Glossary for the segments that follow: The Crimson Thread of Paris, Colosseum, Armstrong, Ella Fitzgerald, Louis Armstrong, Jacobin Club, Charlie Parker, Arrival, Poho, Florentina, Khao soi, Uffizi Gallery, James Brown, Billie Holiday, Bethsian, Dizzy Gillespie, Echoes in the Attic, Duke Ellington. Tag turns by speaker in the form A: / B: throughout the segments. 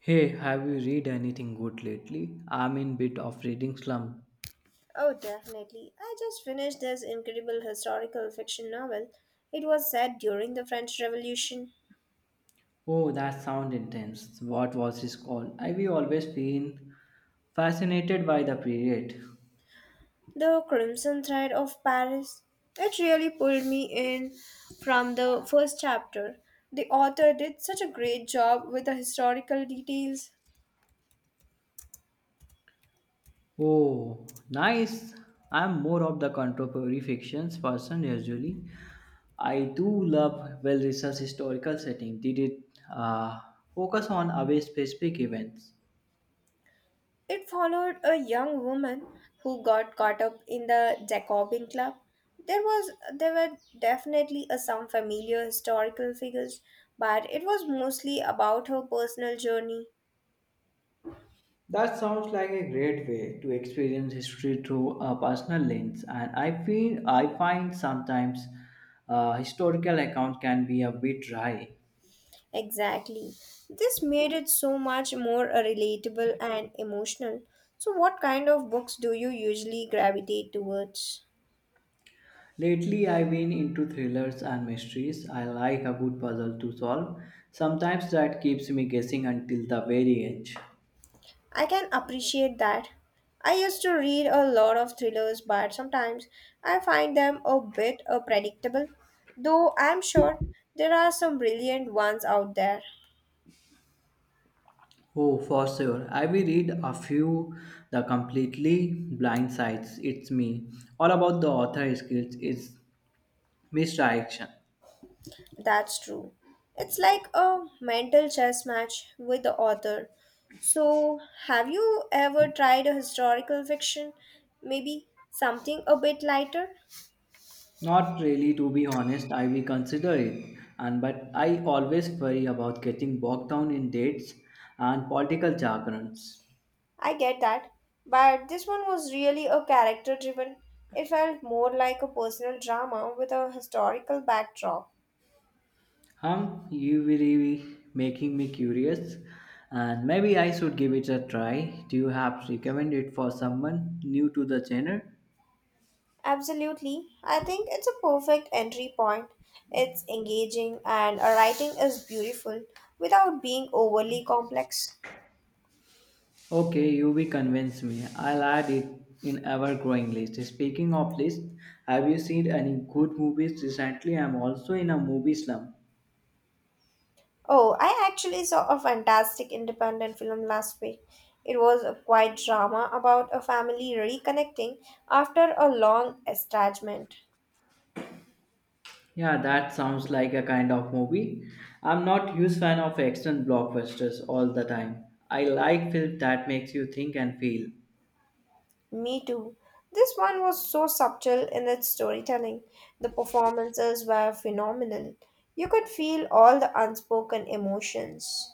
A: Hey, have you read anything good lately? I'm in bit of reading slump.
B: Oh, definitely. I just finished this incredible historical fiction novel. It was set during the French Revolution,
A: Oh, that sound intense. What was his called? I've always been fascinated by the period.
B: The Crimson Thread of Paris. It really pulled me in from the first chapter. The author did such a great job with the historical details.
A: Oh, nice. I'm more of the contemporary fictions person usually. I do love well-researched historical setting. Did it uh, focus on away specific events?
B: It followed a young woman who got caught up in the Jacobin Club. There was there were definitely a, some familiar historical figures, but it was mostly about her personal journey.
A: That sounds like a great way to experience history through a personal lens, and I feel I find sometimes historical account can be a bit dry.
B: Exactly. This made it so much more relatable and emotional. So what kind of books do you usually gravitate towards?
A: Lately, I've been into thrillers and mysteries. I like a good puzzle to solve. Sometimes that keeps me guessing until the very edge.
B: I can appreciate that. I used to read a lot of thrillers, but sometimes I find them a bit predictable, though I'm sure there are some brilliant ones out there.
A: Oh, for sure. I will read a few the completely blind sides. It's me. All about the author skills is misdirection.
B: That's true. It's like a mental chess match with the author. So, have you ever tried a historical fiction? Maybe something a bit lighter?
A: Not really, to be honest, I will consider it, and but I always worry about getting bogged down in dates and political jargons.
B: I get that, but this one was really a character driven. It felt more like a personal drama with a historical backdrop.
A: Hum, you really making me curious, and maybe I should give it a try. Do you have recommend it for someone new to the genre?
B: Absolutely, I think it's a perfect entry point. It's engaging and her writing is beautiful without being overly complex.
A: Okay, you will convince me. I'll add it in ever growing list. Speaking of list, have you seen any good movies recently? I'm also in a movie slump.
B: Oh, I actually saw a fantastic independent film last week. It was a quiet drama about a family reconnecting after a long estrangement.
A: Yeah, that sounds like a kind of movie. I'm not huge fan of action blockbusters all the time. I like film that makes you think and feel.
B: Me too. This one was so subtle in its storytelling. The performances were phenomenal. You could feel all the unspoken emotions.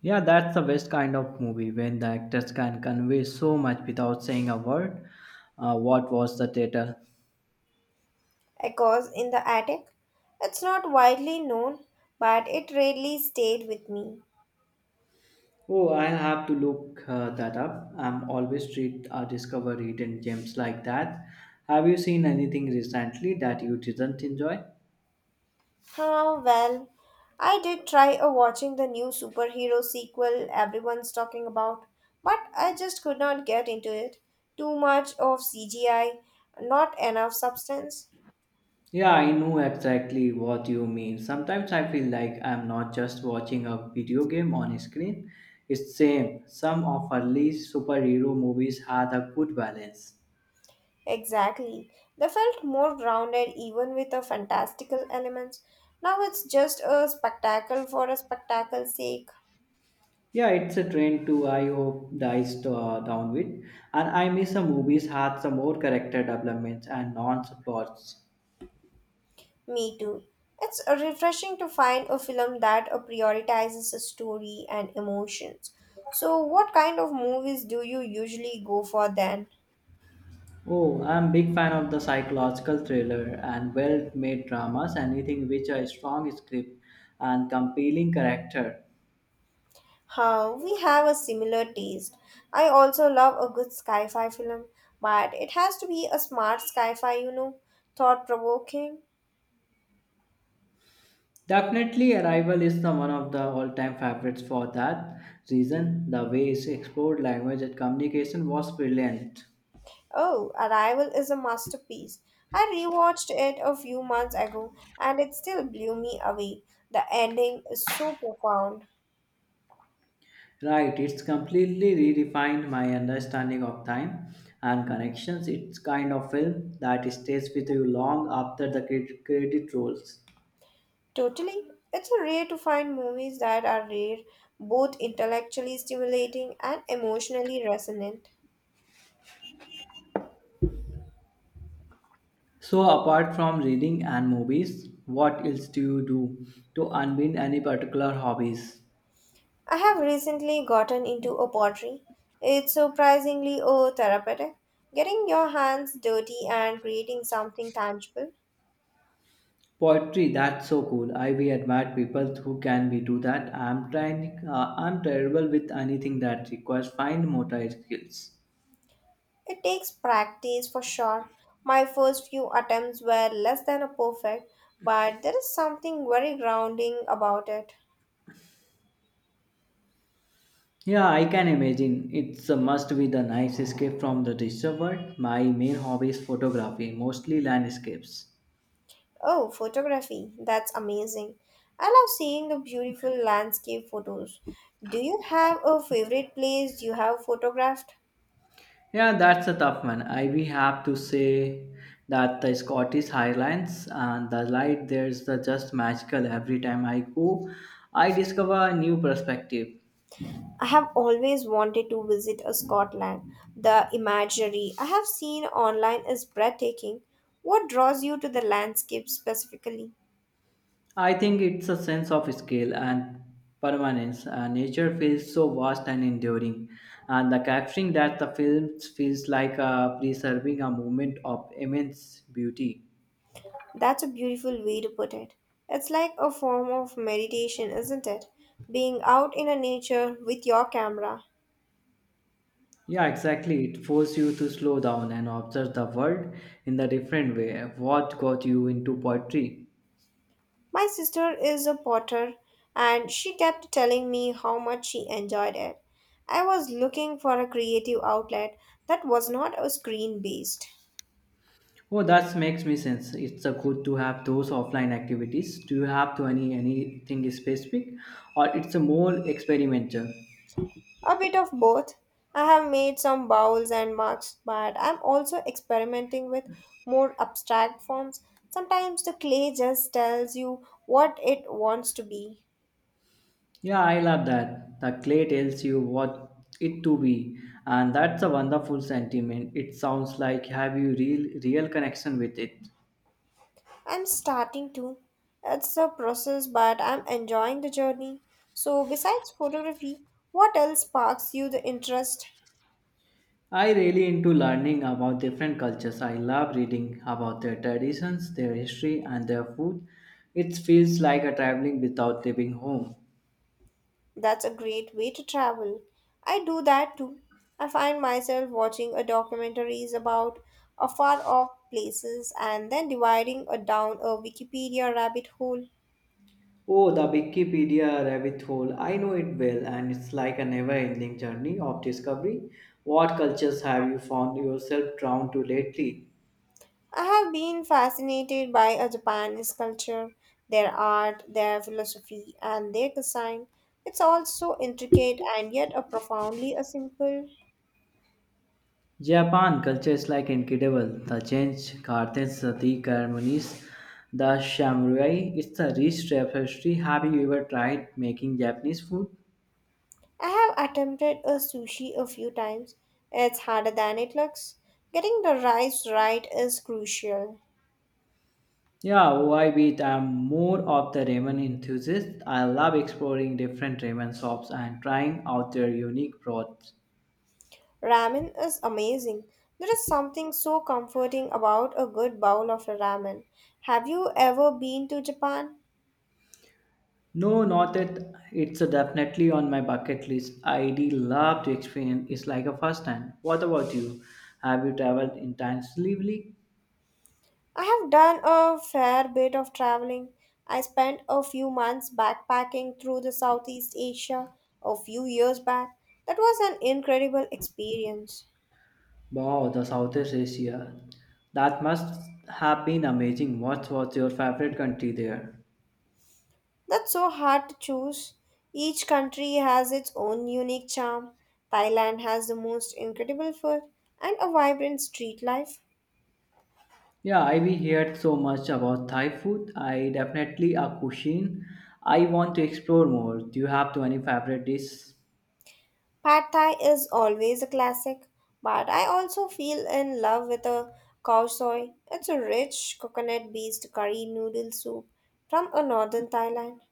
A: Yeah, that's the best kind of movie when the actors can convey so much without saying a word. What was the title?
B: Echoes in the attic. It's not widely known, but it really stayed with me.
A: Oh, I'll have to look that up. I'm always treat discover hidden gems like that. Have you seen anything recently that you didn't enjoy?
B: Oh well, I did try a watching the new superhero sequel everyone's talking about, but I just could not get into it. Too much of CGI, not enough substance.
A: Yeah, I know exactly what you mean. Sometimes I feel like I'm not just watching a video game on a screen. It's same. Some of early superhero movies had a good balance.
B: Exactly. They felt more grounded even with the fantastical elements. Now it's just a spectacle for a spectacle's sake.
A: Yeah, it's a trend too. I hope dies to, down with. And I miss some movies had some more character developments and non-plots.
B: Me too. It's refreshing to find a film that prioritizes a story and emotions. So, what kind of movies do you usually go for then?
A: Oh, I'm big fan of the psychological thriller and well-made dramas. Anything which a strong script and compelling character.
B: Huh, we have a similar taste. I also love a good sci fi film, but it has to be a smart sci fi, you know, thought provoking.
A: Definitely, Arrival is the one of the all-time favorites for that reason. The way it explored language and communication was brilliant.
B: Oh, Arrival is a masterpiece. I rewatched it a few months ago and it still blew me away. The ending is so profound.
A: Right, it's completely redefined my understanding of time and connections. It's kind of film that stays with you long after the credit rolls.
B: Totally. It's a rare to find movies that are rare, both intellectually stimulating and emotionally resonant.
A: So, apart from reading and movies, what else do you do to unwind any particular hobbies?
B: I have recently gotten into a pottery. It's surprisingly oh therapeutic. Getting your hands dirty and creating something tangible.
A: Poetry, that's so cool. I we admire people who can be do that. I'm trying. I'm terrible with anything that requires fine motor skills.
B: It takes practice for sure. My first few attempts were less than a perfect, but there is something very grounding about it.
A: Yeah, I can imagine. It's a must be the nice escape from the digital world. My main hobby is photography, mostly landscapes.
B: Oh, photography. That's amazing. I love seeing the beautiful landscape photos. Do you have a favorite place you have photographed?
A: Yeah, that's a tough one. I we have to say that the Scottish Highlands and the light there's the just magical every time I go. I discover a new perspective.
B: I have always wanted to visit a Scotland. The imagery I have seen online is breathtaking. What draws you to the landscape specifically?
A: I think it's a sense of scale and permanence. Nature feels so vast and enduring, and the capturing that the films feels like preserving a moment of immense beauty.
B: That's a beautiful way to put it. It's like a form of meditation, isn't it? Being out in a nature with your camera.
A: Yeah, exactly. It forces you to slow down and observe the world in the different way. What got you into poetry?
B: My sister is a potter and she kept telling me how much she enjoyed it. I was looking for a creative outlet that was not a screen based.
A: Oh, that makes me sense. It's a good to have those offline activities. Do you have to any anything specific, or it's a more experimental?
B: A bit of both. I have made some bowls and marks, but I'm also experimenting with more abstract forms. Sometimes the clay just tells you what it wants to be.
A: Yeah, I love that. The clay tells you what it to be, and that's a wonderful sentiment. It sounds like have you real connection with it.
B: I'm starting to. It's a process, but I'm enjoying the journey. So, besides photography, what else sparks you the interest?
A: I really into learning about different cultures. I love reading about their traditions, their history, and their food. It feels like a traveling without leaving home.
B: That's a great way to travel. I do that too. I find myself watching a documentaries about a far off places and then dividing a down a Wikipedia rabbit hole.
A: Oh, the Wikipedia rabbit hole. I know it well, and it's like a never-ending journey of discovery. What cultures have you found yourself drawn to lately?
B: I have been fascinated by Japanese culture, their art, their philosophy, and their design. It's all so intricate and yet a profoundly a simple.
A: Japan culture is like incredible. The change gardens, the ceremonies, the samurai. It's a rich tapestry. Have you ever tried making Japanese food?
B: I have attempted a sushi a few times. It's harder than it looks. Getting the rice right is crucial.
A: Yeah, why beat? I'm more of the ramen enthusiast. I love exploring different ramen shops and trying out their unique broths.
B: Ramen is amazing. There is something so comforting about a good bowl of ramen. Have you ever been to Japan?
A: No, not it. It's definitely on my bucket list. I do love to experience. It's like a first time. What about you? Have you traveled intensively?
B: I have done a fair bit of traveling. I spent a few months backpacking through the Southeast Asia a few years back. That was an incredible experience.
A: Wow, the Southeast Asia. That must have been amazing. What was your favorite country there?
B: That's so hard to choose. Each country has its own unique charm. Thailand has the most incredible food and a vibrant street life.
A: Yeah, I we heard so much about Thai food. I definitely a cuisine. I want to explore more. Do you have to any favorite dish?
B: Pad Thai is always a classic, but I also feel in love with a cow soy. It's a rich coconut based curry noodle soup from a northern Thailand.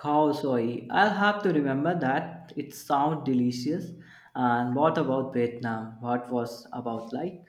A: Khao soi. I'll have to remember that. It sounds delicious. And what about Vietnam? What was about like?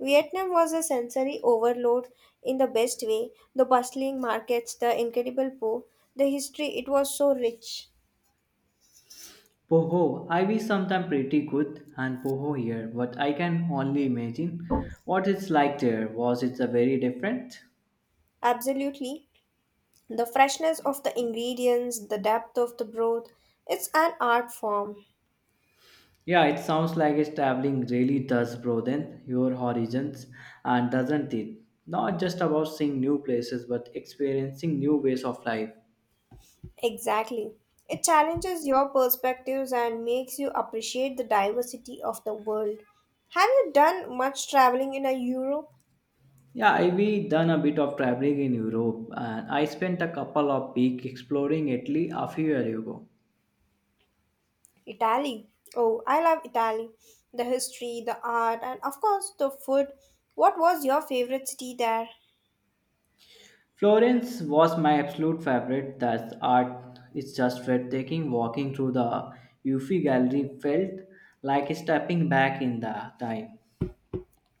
B: Vietnam was a sensory overload in the best way the bustling markets, the incredible po, the history, it was so rich.
A: Poho, I wish sometime pretty good and Poho here, but I can only imagine what it's like there. Was it a very different?
B: Absolutely. The freshness of the ingredients, the depth of the broth, it's an art form.
A: Yeah, it sounds like it's traveling really does broaden your horizons and doesn't it? Not just about seeing new places but experiencing new ways of life.
B: Exactly. It challenges your perspectives and makes you appreciate the diversity of the world. Have you done much traveling in a Europe?
A: Yeah, I've done a bit of traveling in Europe and I spent a couple of weeks exploring Italy a few years ago.
B: Italy. Oh, I love Italy. The history, the art, and of course the food. What was your favorite city there?
A: Florence was my absolute favorite. That art is just breathtaking. Walking through the Uffizi Gallery felt like stepping back in the time.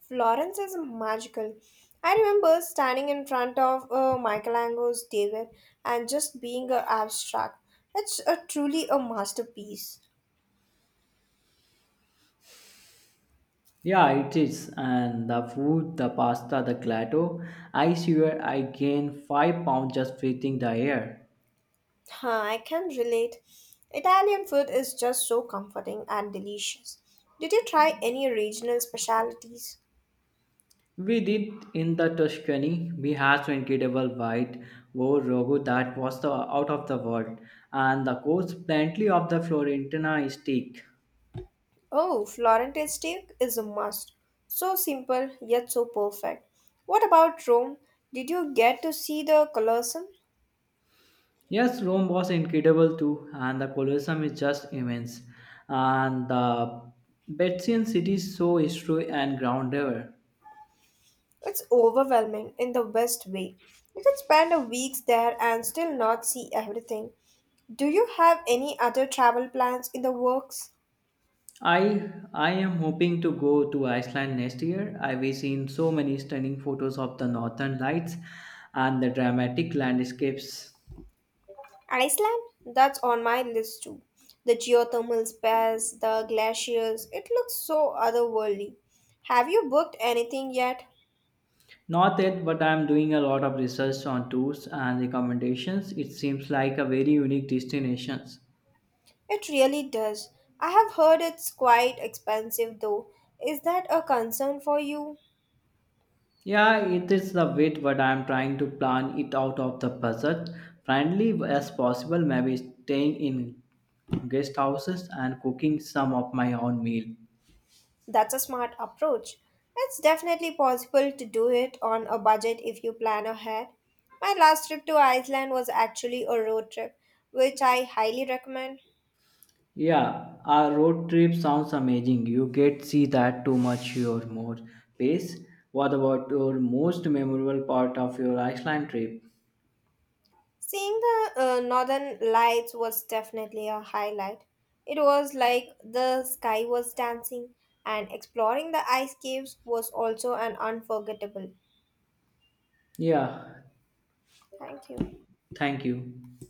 B: Florence is magical. I remember standing in front of Michelangelo's David and just being abstract. It's a truly a masterpiece.
A: Yeah, it is. And the food, the pasta, the gelato. I swear I gained 5 pounds just breathing the air.
B: Huh, I can relate. Italian food is just so comforting and delicious. Did you try any regional specialties?
A: We did in the Tuscany. We had some incredible white wore rogo that was the out of the world, and the course plenty of the Florentina steak.
B: Oh, Florentine steak is a must. So simple yet so perfect. What about Rome? Did you get to see the Colosseum?
A: Yes, Rome was incredible too, and the Colosseum is just immense. And the Bethsian city is so history and grounded.
B: It's overwhelming in the best way. You could spend a week there and still not see everything. Do you have any other travel plans in the works?
A: I am hoping to go to Iceland next year. I've seen so many stunning photos of the northern lights and the dramatic landscapes.
B: Iceland, that's on my list too. The geothermal spas, the glaciers, it looks so otherworldly. Have you booked anything yet?
A: Not yet, but I'm doing a lot of research on tours and recommendations. It seems like a very unique destination.
B: It really does. I have heard it's quite expensive though. Is that a concern for you?
A: Yeah, it is the bit, but I'm trying to plan it out of the budget friendly as possible. Maybe staying in guest houses and cooking some of my own meal.
B: That's a smart approach. It's definitely possible to do it on a budget if you plan ahead. My last trip to Iceland was actually a road trip, which I highly recommend.
A: Yeah, a road trip sounds amazing. You get see that too much your more pace. What about your most memorable part of your Iceland trip?
B: Seeing the northern lights was definitely a highlight. It was like the sky was dancing, and exploring the ice caves was also an unforgettable.
A: Yeah,
B: Thank you.
A: thank you.